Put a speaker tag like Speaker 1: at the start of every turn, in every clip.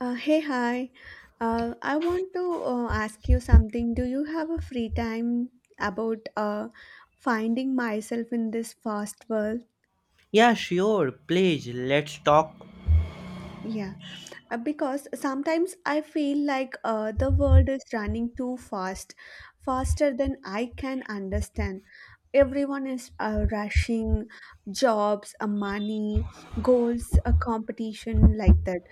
Speaker 1: Hey, hi. I want to ask you something. Do you have a free time about finding myself in this fast world?
Speaker 2: Yeah, sure. Please, let's talk.
Speaker 1: Yeah. Because sometimes I feel like the world is running too fast, faster than I can understand. Everyone is rushing, jobs, money, goals, a competition like that.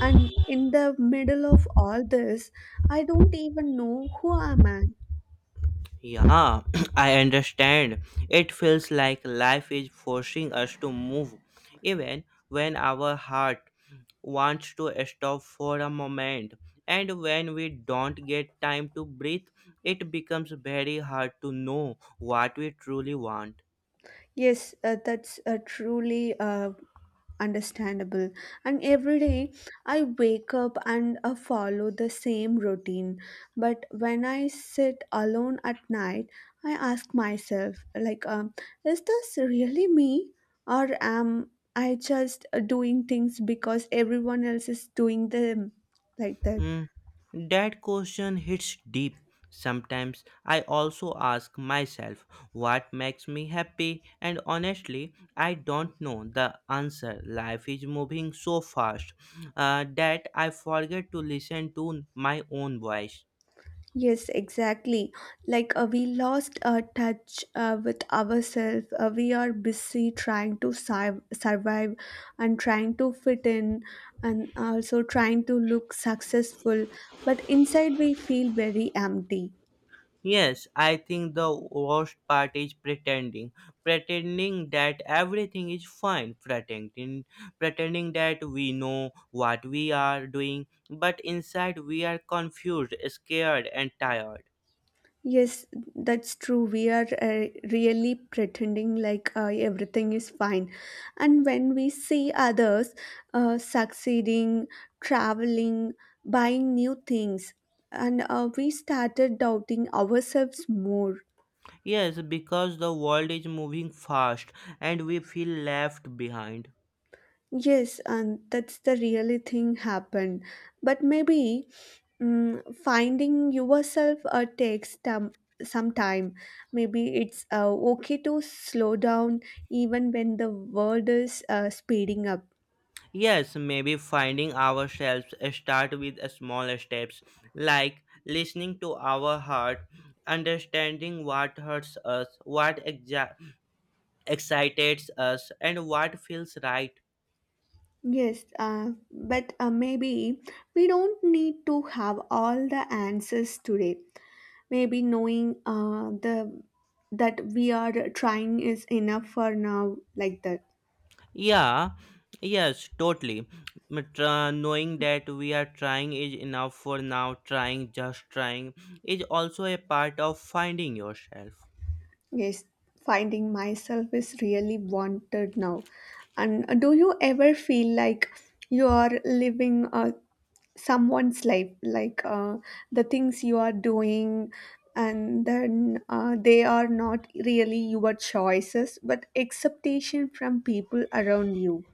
Speaker 1: And in the middle of all this, I don't even know who am I.
Speaker 2: Yeah, I understand. It feels like life is forcing us to move, even when our heart wants to stop for a moment. And when we don't get time to breathe, it becomes very hard to know what we truly want.
Speaker 1: Yes, that's a truly understandable, and every day I wake up and follow the same routine, but when I sit alone at night, I ask myself like, is this really me, or am I just doing things because everyone else is doing them, like that.
Speaker 2: Mm, that question hits deep. Sometimes I also ask myself what makes me happy, and honestly, I don't know the answer. Life is moving so fast that I forget to listen to my own voice.
Speaker 1: Yes, exactly. Like we lost touch with ourselves. We are busy trying to survive, and trying to fit in, and also trying to look successful. But inside, we feel very empty.
Speaker 2: Yes, I think the worst part is pretending. Pretending that everything is fine, pretending that we know what we are doing, but inside we are confused, scared, and tired.
Speaker 1: Yes, that's true. We are really pretending like everything is fine. And when we see others succeeding, traveling, buying new things, and we started doubting ourselves more.
Speaker 2: Yes, because the world is moving fast and we feel left behind.
Speaker 1: Yes, and that's the really thing happened. But maybe finding yourself takes some time. Maybe it's okay to slow down even when the world is speeding up.
Speaker 2: Yes, maybe finding ourselves start with small steps like listening to our heart understanding what hurts us, excites us and what feels right.
Speaker 1: Yes, but maybe we don't need to have all the answers today. Maybe knowing the that we are trying is enough for now, like that.
Speaker 2: Yeah, yes, totally. But, knowing that we are trying is enough for now, just trying is also a part of finding yourself.
Speaker 1: Yes, finding myself is really wanted now. And do you ever feel like you are living someone's life, like the things you are doing, and then they are not really your choices, but expectation from people around you?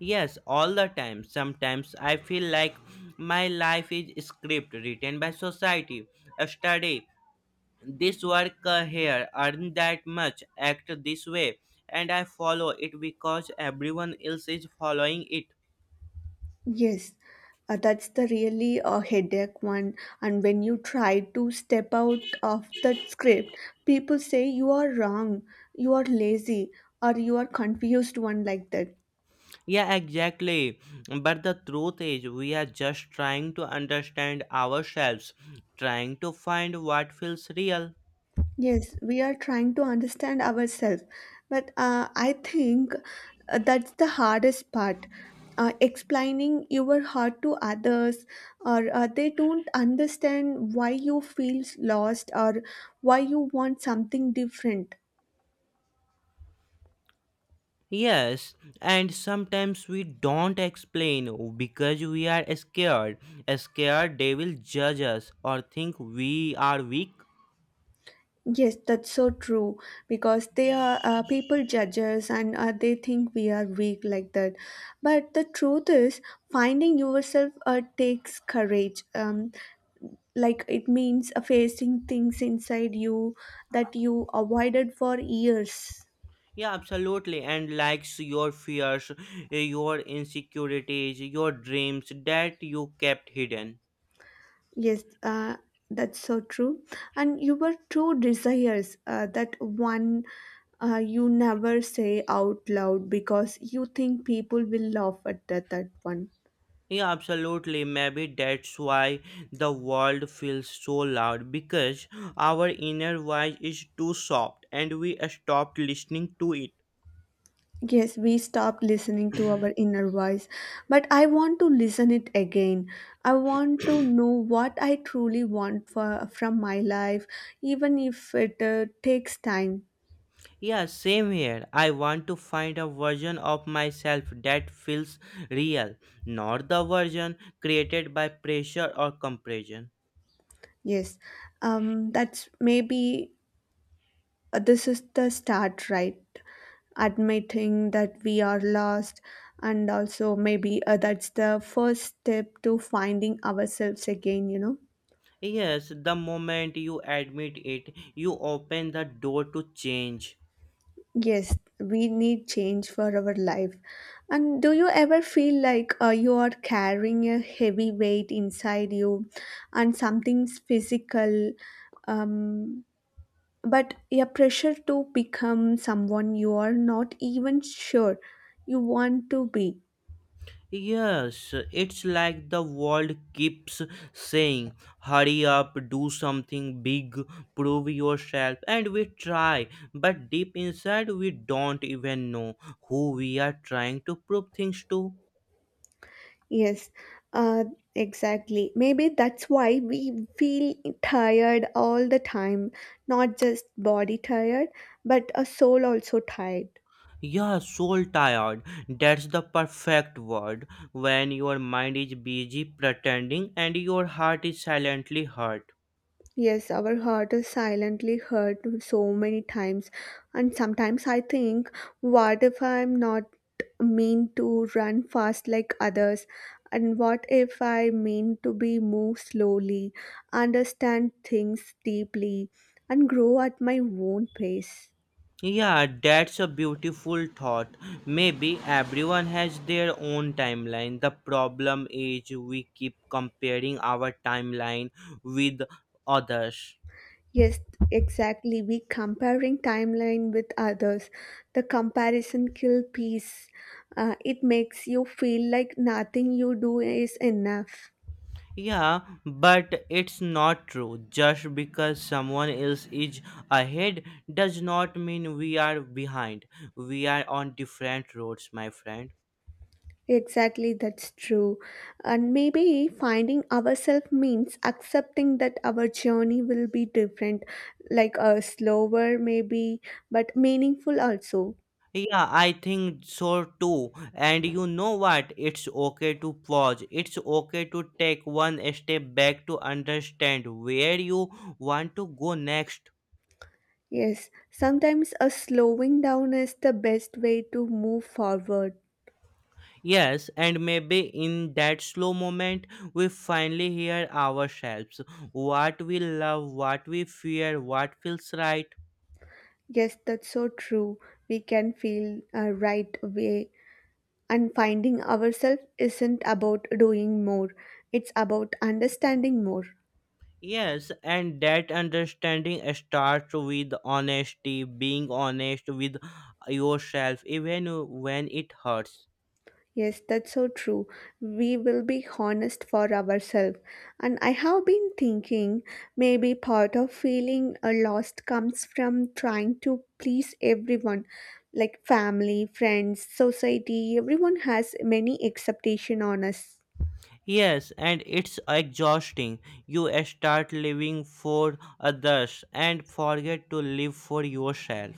Speaker 2: Yes, all the time. Sometimes I feel like my life is a script written by society. A study this work here, earn that much, act this way, and I follow it because everyone else is following it.
Speaker 1: Yes, that's the really headache one. And when you try to step out of that script, people say you are wrong, you are lazy, or you are confused one, like that.
Speaker 2: Yeah, exactly. But the truth is, we are just trying to understand ourselves, trying to find what feels real.
Speaker 1: Yes, we are trying to understand ourselves, but I think that's the hardest part. Explaining your heart to others, or they don't understand why you feel lost, or why you want something different.
Speaker 2: Yes, and sometimes we don't explain because we are scared. Scared they will judge us or think we are weak.
Speaker 1: Yes, that's so true, because they are people judge us, and they think we are weak, like that. But the truth is, finding yourself takes courage. Like it means facing things inside you that you avoided for years.
Speaker 2: Yeah, absolutely. And likes your fears, your insecurities, your dreams that you kept hidden.
Speaker 1: Yes, that's so true. And your true desires, that one you never say out loud because you think people will laugh at that, that one.
Speaker 2: Yeah, absolutely. Maybe that's why the world feels so loud because our inner voice is too soft and we stopped listening to it.
Speaker 1: Yes, we stopped listening to our inner voice, but I want to listen it again. I want to know what I truly want for, from my life, even if it takes time.
Speaker 2: Yeah, same here. I want to find a version of myself that feels real, not the version created by pressure or compression.
Speaker 1: Yes, that's maybe this is the start, right? Admitting that we are lost, and also maybe that's the first step to finding ourselves again, you know.
Speaker 2: Yes, the moment you admit it, you open the door to change.
Speaker 1: Yes, we need change for our life. And do you ever feel like you are carrying a heavy weight inside you, and something's physical, um, but a pressure to become someone you are not even sure you want to be?
Speaker 2: Yes, it's like the world keeps saying, hurry up, do something big, prove yourself, and we try, but deep inside we don't even know who we are trying to prove things to.
Speaker 1: Yes, uh, exactly. Maybe that's why we feel tired all the time, not just body tired, but a soul also tired.
Speaker 2: Yeah, soul tired. That's the perfect word. When your mind is busy pretending and your heart is silently hurt.
Speaker 1: Yes, our heart is silently hurt so many times, and sometimes I think, what if I'm not mean to run fast like others, and what if I mean to be move slowly, understand things deeply, and grow at my own pace?
Speaker 2: Yeah, that's a beautiful thought. Maybe everyone has their own timeline. The problem is we keep comparing our timeline with others.
Speaker 1: Yes, exactly. We comparing timeline with others. The comparison kill peace. It makes you feel like nothing you do is enough.
Speaker 2: Yeah, but it's not true. Just because someone else is ahead does not mean we are behind. We are on different roads, my friend.
Speaker 1: Exactly, that's true. And maybe finding ourselves means accepting that our journey will be different, like a slower, maybe, but meaningful also.
Speaker 2: Yeah, I think so too. And you know what? It's okay to pause. It's okay to take one step back to understand where you want to go next.
Speaker 1: Yes, sometimes a slowing down is the best way to move forward.
Speaker 2: Yes, and maybe in that slow moment, we finally hear ourselves what we love, what we fear, what feels right.
Speaker 1: Yes, that's so true. We can feel a right way. And finding ourselves isn't about doing more, it's about understanding more.
Speaker 2: Yes, and that understanding starts with honesty, being honest with yourself, even when it hurts.
Speaker 1: Yes, that's so true. We will be honest for ourselves. And I have been thinking, maybe part of feeling a lost comes from trying to please everyone, like family, friends, society. Everyone has many expectation on us.
Speaker 2: Yes, and it's exhausting. You start living for others and forget to live for yourself.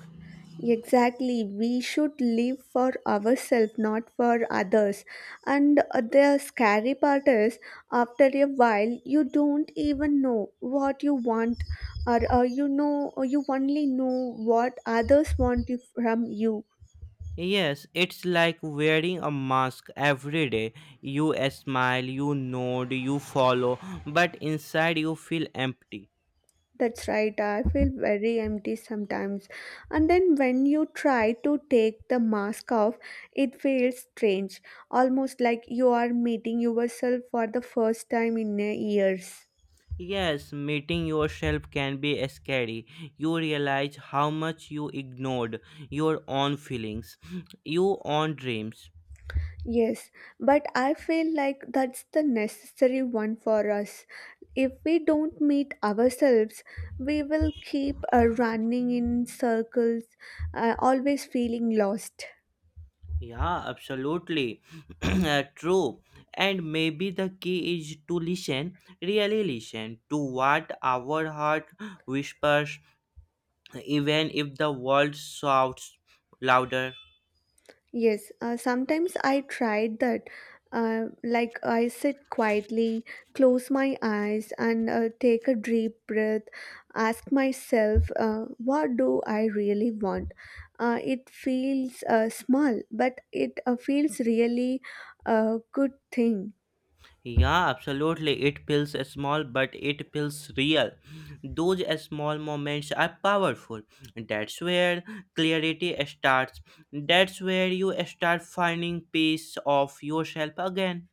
Speaker 1: Exactly, we should live for ourselves, not for others. And the scary part is, after a while, you don't even know what you want, or you know, or you only know what others want from you.
Speaker 2: Yes, it's like wearing a mask every day. You smile, you nod, you follow, but inside you feel empty.
Speaker 1: That's right, I feel very empty sometimes. And then when you try to take the mask off, it feels strange, almost like you are meeting yourself for the first time in years.
Speaker 2: Yes, meeting yourself can be scary. You realize how much you ignored your own feelings, your own dreams.
Speaker 1: Yes, but I feel like that's the necessary one for us. If we don't meet ourselves, we will keep running in circles, always feeling lost.
Speaker 2: Yeah, absolutely. True. And maybe the key is to listen, really listen to what our heart whispers, even if the world shouts louder.
Speaker 1: Yes, sometimes I tried that. Like I sit quietly, close my eyes, and take a deep breath, ask myself, what do I really want? It feels small, but it feels really a good thing.
Speaker 2: Yeah, absolutely. It feels small, but it feels real. Those small moments are powerful. That's where clarity starts. That's where you start finding peace of yourself again.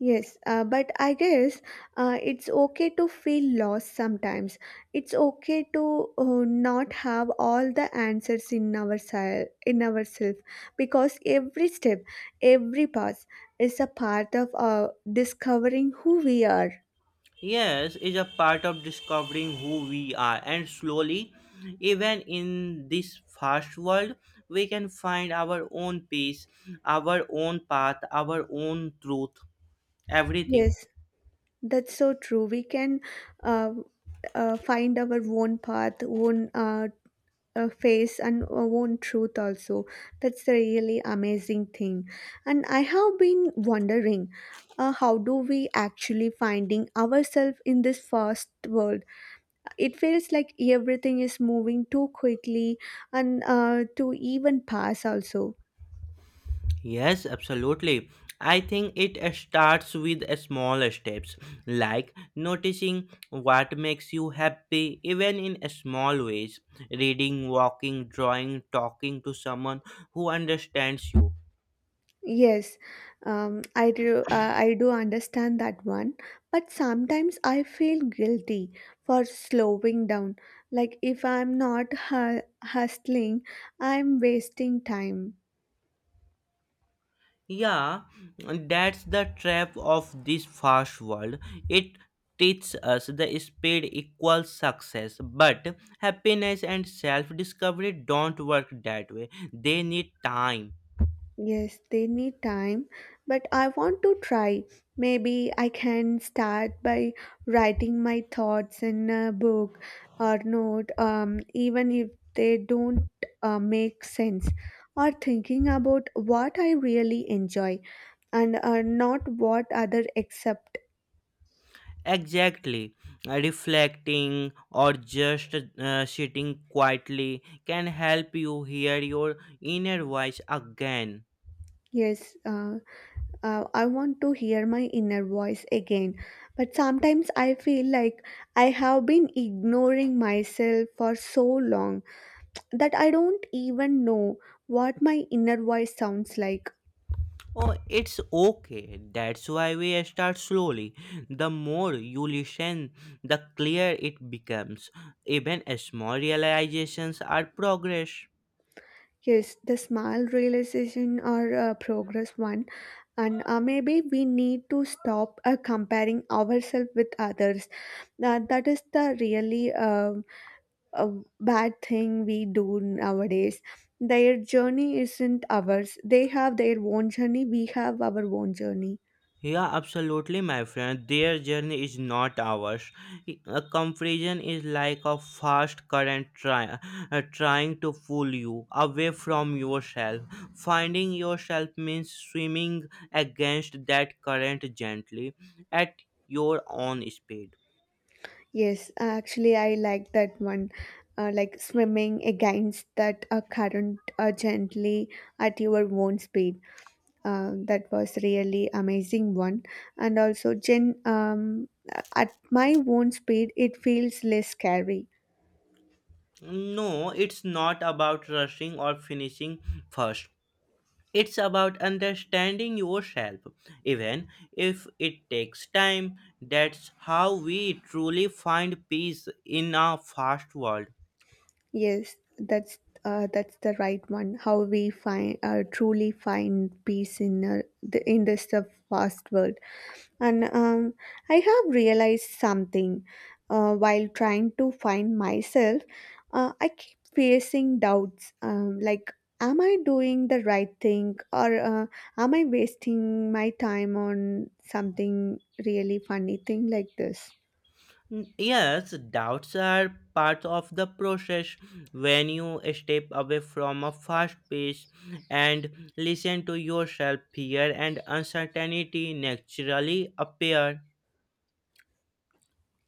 Speaker 1: Yes, but I guess it's okay to feel lost sometimes. It's okay to not have all the answers in our in ourselves, because every step, every path is a part of discovering who we are.
Speaker 2: Yes, is a part of discovering who we are, and slowly, even in this fast world, we can find our own peace, our own path, our own truth, everything.
Speaker 1: Yes, that's so true. We can uh, find our own path, own face, and our own truth also. That's the really amazing thing, and I have been wondering, how do we actually finding ourselves in this fast world? It feels like everything is moving too quickly, and to even pass also.
Speaker 2: Yes, absolutely. I think it starts with a small steps like noticing what makes you happy, even in a small ways, reading, walking, drawing, talking to someone who understands you.
Speaker 1: Yes, I do. I do understand that one, but sometimes I feel guilty for slowing down. Like if I'm not hustling, I'm wasting time.
Speaker 2: Yeah, that's the trap of this fast world. It teaches us the speed equals success, but happiness and self discovery don't work that way. They need time.
Speaker 1: Yes, they need time, but I want to try. Maybe I can start by writing my thoughts in a book or note, even if they don't make sense, or thinking about what I really enjoy, and not what other accept.
Speaker 2: Exactly. Reflecting or just sitting quietly can help you hear your inner voice again.
Speaker 1: Yes, I want to hear my inner voice again, but sometimes I feel like I have been ignoring myself for so long, that I don't even know what my inner voice sounds like.
Speaker 2: Oh, it's okay. That's why we start slowly. The more you listen, the clearer it becomes. Even small realizations are progress.
Speaker 1: Yes, the small realization or progress one, and maybe we need to stop comparing ourselves with others. That is the really uh, bad thing we do nowadays. Their journey isn't ours. They have their own journey. We have our own journey.
Speaker 2: Yeah, absolutely, my friend. Their journey is not ours. A confusion is like a fast current trying to pull you away from yourself. Finding yourself means swimming against that current gently at your own speed.
Speaker 1: Yes, actually, I like that one. Like swimming against that current gently at your own speed. That was really amazing one. And also, gen at my own speed, it feels less scary.
Speaker 2: No, it's not about rushing or finishing first. It's about understanding yourself, even if it takes time. That's how we truly find peace in a fast world.
Speaker 1: Yes, that's the right one. How we find truly find peace in the in this fast world. And I have realized something while trying to find myself. I keep facing doubts, like, am I doing the right thing, or am I wasting my time on something really funny thing like this?
Speaker 2: Yes, doubts are part of the process. When you step away from a fast pace and listen to yourself, fear and uncertainty naturally appear.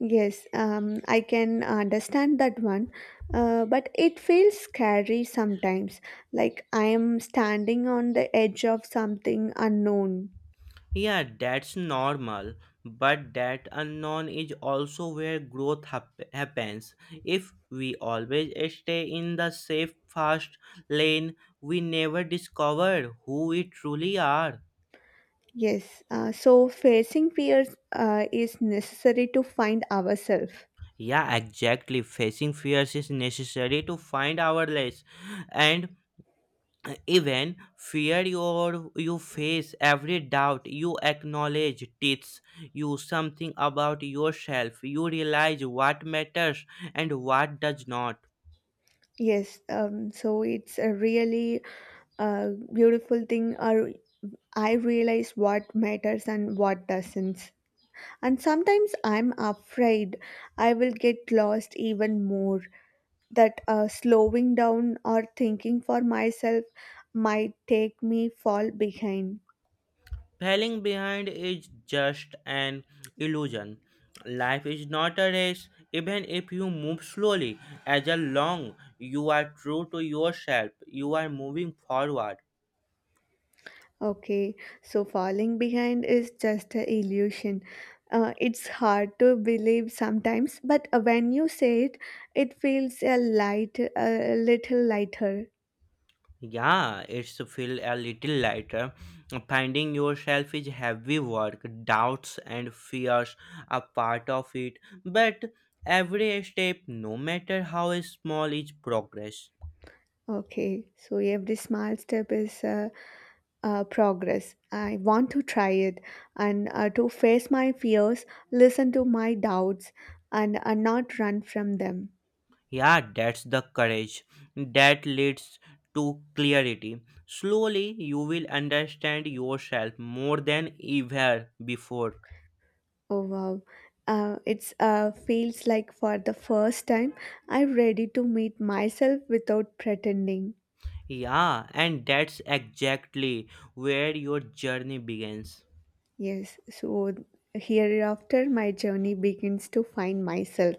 Speaker 1: Yes, I can understand that one, but it feels scary sometimes, like I am standing on the edge of something unknown.
Speaker 2: Yeah, that's normal, but that unknown is also where happens. If we always stay in the safe, fast lane, we never discover who we truly are.
Speaker 1: Yes, so facing fears is necessary to find ourselves.
Speaker 2: Yeah, exactly. Facing fears is necessary to find our less, and even fear you face every doubt you acknowledge teaches you something about yourself. You realize what matters and what does not.
Speaker 1: Yes, so it's a really beautiful thing. Or I realize what matters and what doesn't. And sometimes I'm afraid I will get lost even more. That slowing down or thinking for myself might take me fall behind.
Speaker 2: Falling behind is just an illusion. Life is not a race, even if you move slowly. As a long you are true to yourself, you are moving forward.
Speaker 1: Okay, so falling behind is just an illusion. It's hard to believe sometimes, but when you say it, it feels a light, a little lighter.
Speaker 2: Yeah, it's feel a little lighter. Finding yourself is heavy work. Doubts and fears are part of it. But every step, no matter how small, is progress.
Speaker 1: Okay, so every small step is progress. I want to try it, and to face my fears, listen to my doubts, and not run from them.
Speaker 2: Yeah, that's the courage that leads to clarity. Slowly, you will understand yourself more than ever before.
Speaker 1: Oh wow. It's feels like for the first time I'm ready to meet myself without pretending.
Speaker 2: Yeah, and that's exactly where your journey begins.
Speaker 1: Yes, so hereafter my journey begins to find myself.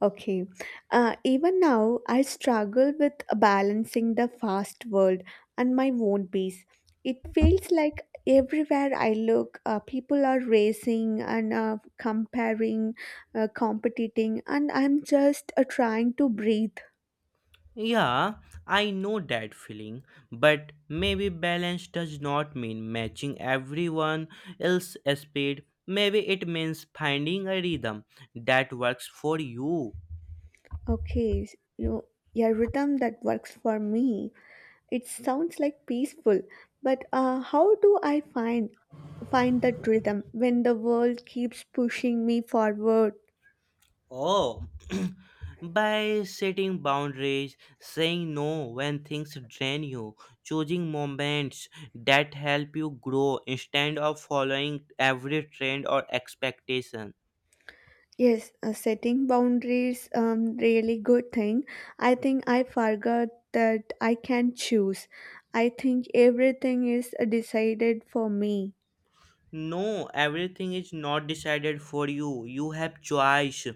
Speaker 1: Okay, even now I struggle with balancing the fast world and my own pace. It feels like everywhere I look, people are racing, and comparing, competing, and I'm just trying to breathe.
Speaker 2: Yeah, I know that feeling, but maybe balance does not mean matching everyone else's speed. Maybe it means finding a rhythm that works for you.
Speaker 1: Okay, you know, a rhythm that works for me. It sounds like peaceful, but how do I find that rhythm when the world keeps pushing me forward?
Speaker 2: Oh, by setting boundaries, saying no when things drain you, choosing moments that help you grow instead of following every trend or expectation.
Speaker 1: Yes, setting boundaries really good thing. I think I forgot that I can choose. I think everything is decided for me.
Speaker 2: No, everything is not decided for you. You have choice.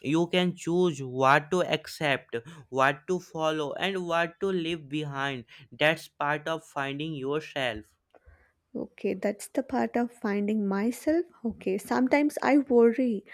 Speaker 2: You can choose what to accept, what to follow, and what to leave behind. That's part of finding yourself.
Speaker 1: Okay, that's the part of finding myself. Okay, sometimes I worry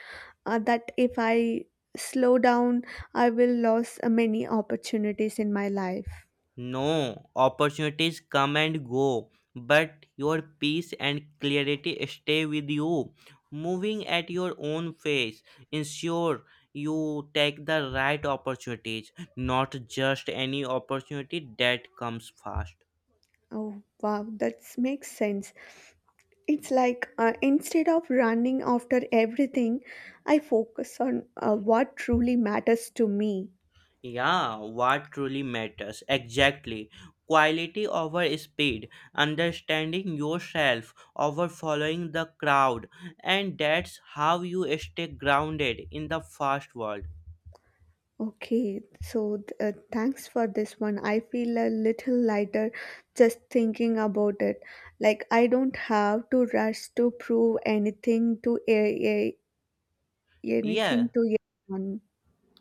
Speaker 1: that if I slow down, I will lose many opportunities in my life.
Speaker 2: No, opportunities come and go, but your peace and clarity stay with you. Moving at your own pace, ensure you take the right opportunities, not just any opportunity that comes fast.
Speaker 1: Oh, wow, that makes sense. It's like instead of running after everything, I focus on what truly matters to me.
Speaker 2: Yeah, what truly matters. Exactly. Quality over speed, understanding yourself over following the crowd, and that's how you stay grounded in the fast world.
Speaker 1: Okay, so thanks for this one. I feel a little lighter just thinking about it. Like I don't have to rush to prove anything to a
Speaker 2: Yeah,
Speaker 1: anything to anyone.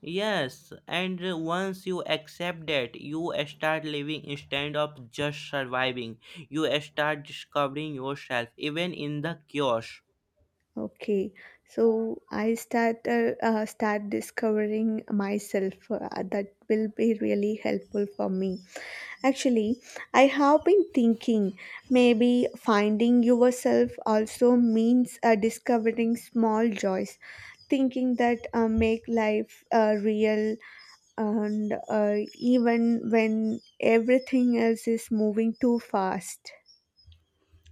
Speaker 2: yes, and once you accept that, you start living instead of just surviving. You start discovering yourself even in the chaos.
Speaker 1: Okay, so I start discovering myself. That will be really helpful for me. Actually, I have been thinking maybe finding yourself also means discovering small joys, thinking that make life real, and even when everything else is moving too fast.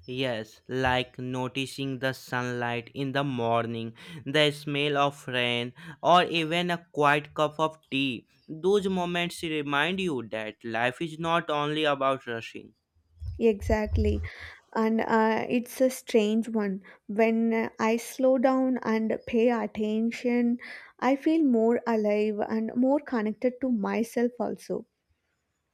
Speaker 2: Yes, like noticing the sunlight in the morning, the smell of rain, or even a quiet cup of tea. Those moments remind you that life is not only about rushing.
Speaker 1: Exactly. And it's a strange one. When I slow down and pay attention, I feel more alive and more connected to myself also.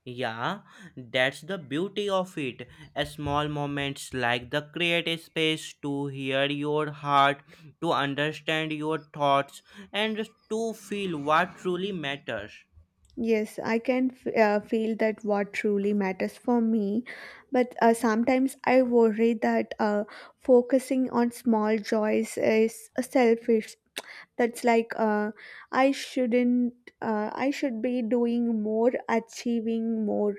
Speaker 2: Yeah, that's the beauty of it. A small moments like the create a space to hear your heart, to understand your thoughts, and to feel what truly matters.
Speaker 1: Yes, I can feel that what truly matters for me. But sometimes I worry that focusing on small joys is selfish. That's like I shouldn't, I should be doing more, achieving more.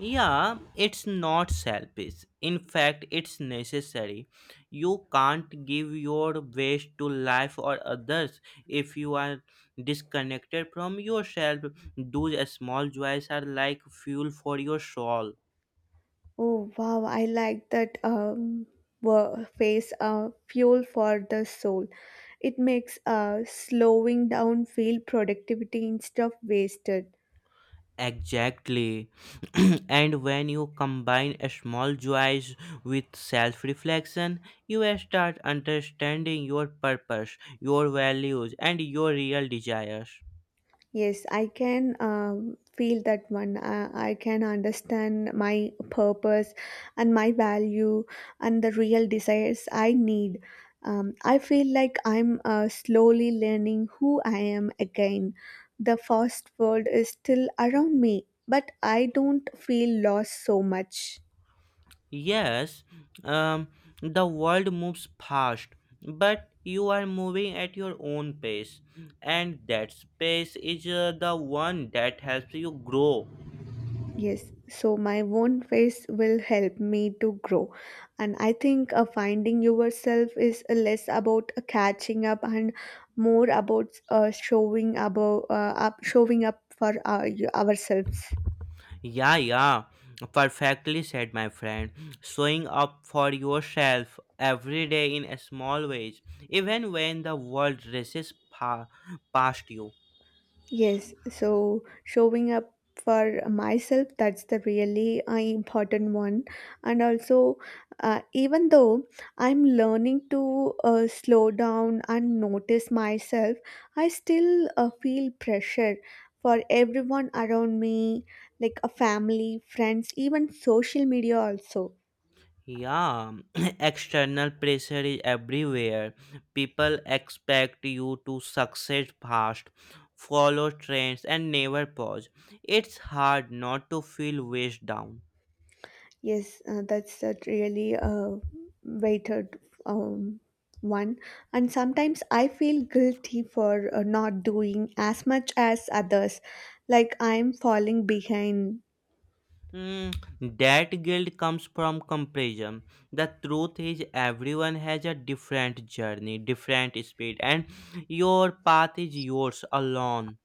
Speaker 2: Yeah, it's not selfish. In fact, it's necessary. You can't give your best to life or others if you are disconnected from yourself. Those small joys are like fuel for your soul.
Speaker 1: Oh wow, I like that phrase fuel for the soul. It makes slowing down feel productivity instead of wasted.
Speaker 2: Exactly. And when you combine a small joys with self reflection, you start understanding your purpose, your values, and your real desires.
Speaker 1: Yes, I can feel that one. I can understand my purpose and my value and the real desires I need. I feel like I'm slowly learning who I am again. The fast world is still around me, but I don't feel lost so much.
Speaker 2: Yes, um, the world moves fast, but you are moving at your own pace, and that pace is the one that helps you grow.
Speaker 1: Yes, so my own face will help me to grow. And I think finding yourself is less about catching up and more about showing up for ourselves.
Speaker 2: Yeah, yeah, perfectly said, my friend. Showing up for yourself every day in a small ways, even when the world past you.
Speaker 1: Yes, so showing up for myself, that's the really important one. And also, even though I'm learning to slow down and notice myself, I still feel pressure for everyone around me, like a family, friends, even social media also.
Speaker 2: Yeah, external pressure is everywhere. People expect you to succeed fast, follow trends, and never pause. It's hard not to feel weighed down.
Speaker 1: Yes, that's a really weighted um, one. And sometimes I feel guilty for not doing as much as others, like I'm falling behind.
Speaker 2: Mm, that guilt comes from comparison. The truth is, everyone has a different journey, different speed, and your path is yours alone.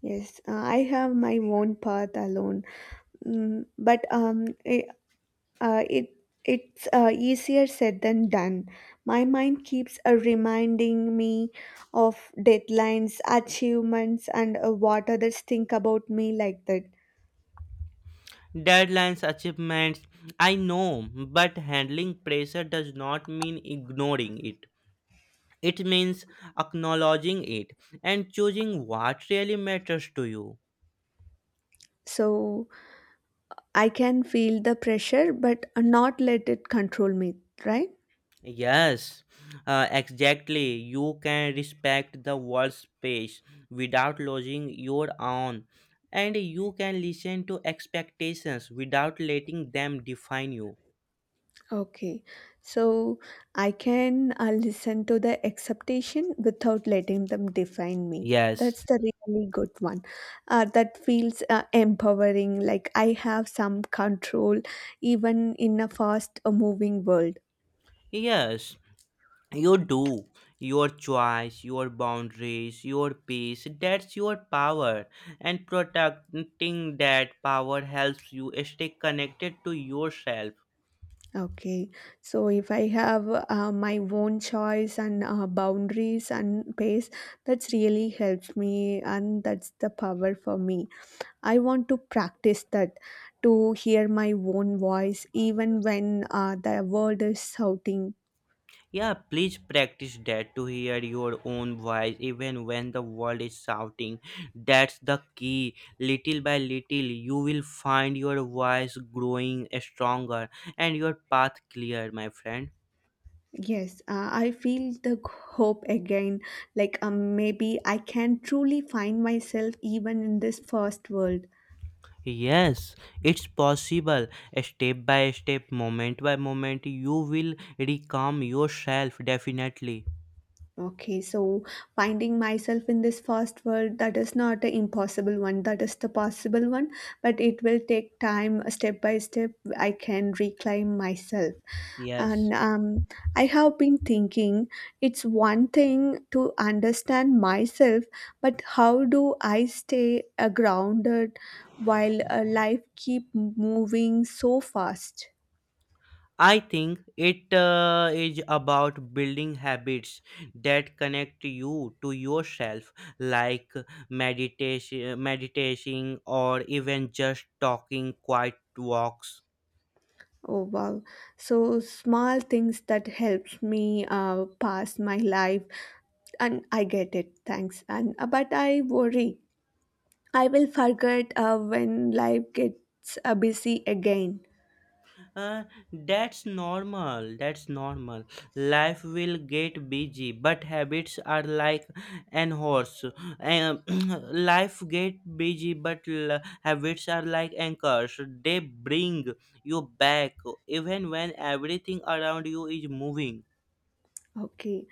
Speaker 1: Yes, I have my own path alone, mm, but uh, it it's easier said than done. My mind keeps reminding me of deadlines, achievements, and what others think about me like that.
Speaker 2: Deadlines, achievements, I know, but handling pressure does not mean ignoring it. It means acknowledging it and choosing what really matters to you.
Speaker 1: So I can feel the pressure, but not let it control me, right?
Speaker 2: Yes, exactly. You can respect the world's space without losing your own, and you can listen to expectations without letting them define you.
Speaker 1: Okay. So I can listen to the expectation without letting them define me.
Speaker 2: Yes,
Speaker 1: That's the really good one. That feels empowering, like I have some control even in a fast moving world.
Speaker 2: yes. You do. Your choice, your boundaries, your peace, that's your power. And protecting that power helps you stay connected to yourself.
Speaker 1: Okay. So if I have my own choice and boundaries and pace, that's really helped me, and that's the power for me. I want to practice that to hear my own voice even when the world is shouting.
Speaker 2: Yeah, please practice that to hear your own voice even when the world is shouting. That's the key. Little by little, you will find your voice growing stronger and your path clear, my friend.
Speaker 1: Yes, I feel the hope again. Like maybe I can truly find myself even in this first world.
Speaker 2: Yes, it's possible. Step by step, moment by moment, you will recalm yourself definitely.
Speaker 1: Okay, so finding myself in this fast world, that is not an impossible one. That is the possible one, but it will take time, step by step. I can reclaim myself,
Speaker 2: Yes.
Speaker 1: and I have been thinking it's one thing to understand myself, but how do I stay grounded while life keep moving so fast?
Speaker 2: I think it is about building habits that connect you to yourself, like meditation, meditating, or even just talking quiet walks.
Speaker 1: Oh wow. So small things that helps me pass my life and I get it. Thanks. And but I worry I will forget when life gets busy again.
Speaker 2: Uh, that's normal. That's normal. Life will get busy, but habits are like an horse. Um, life get busy, but l- habits are like anchors. They bring you back even when everything around you is moving.
Speaker 1: Okay,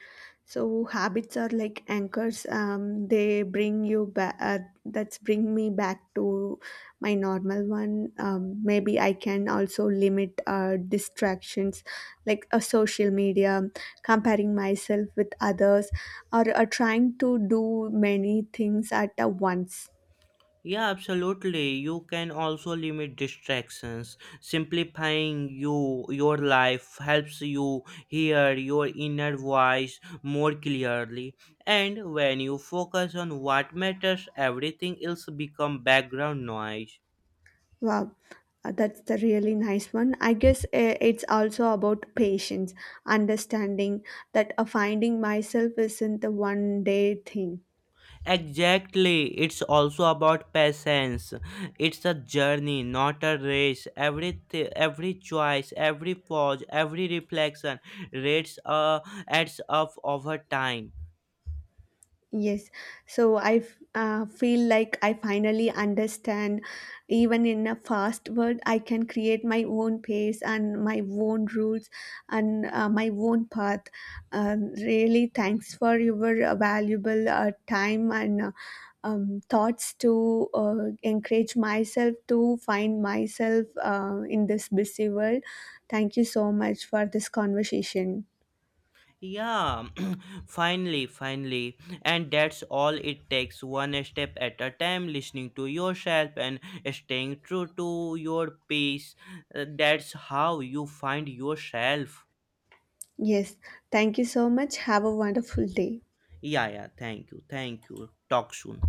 Speaker 1: so habits are like anchors. They bring you back. That's bring me back to my normal one. Maybe I can also limit distractions, like a social media, comparing myself with others, or trying to do many things at once.
Speaker 2: Yeah, absolutely. You can also limit distractions. Simplifying your life helps you hear your inner voice more clearly. And when you focus on what matters, everything else become background noise.
Speaker 1: Wow, that's the really nice one. I guess it's also about patience, understanding that finding myself isn't the one day thing.
Speaker 2: Exactly. It's also about patience. It's a journey, not a race. Every choice, every pause, every reflection rates adds up over time.
Speaker 1: Yes, so I feel like I finally understand. Even in a fast world, I can create my own pace and my own rules and my own path. Really, thanks for your valuable time and thoughts to encourage myself to find myself in this busy world. Thank you so much for this conversation.
Speaker 2: Yeah, finally. And that's all it takes one step at a time, listening to yourself and staying true to your peace. That's how you find yourself.
Speaker 1: Yes, thank you so much. Have a wonderful day.
Speaker 2: Yeah, yeah, thank you, thank you. Talk soon.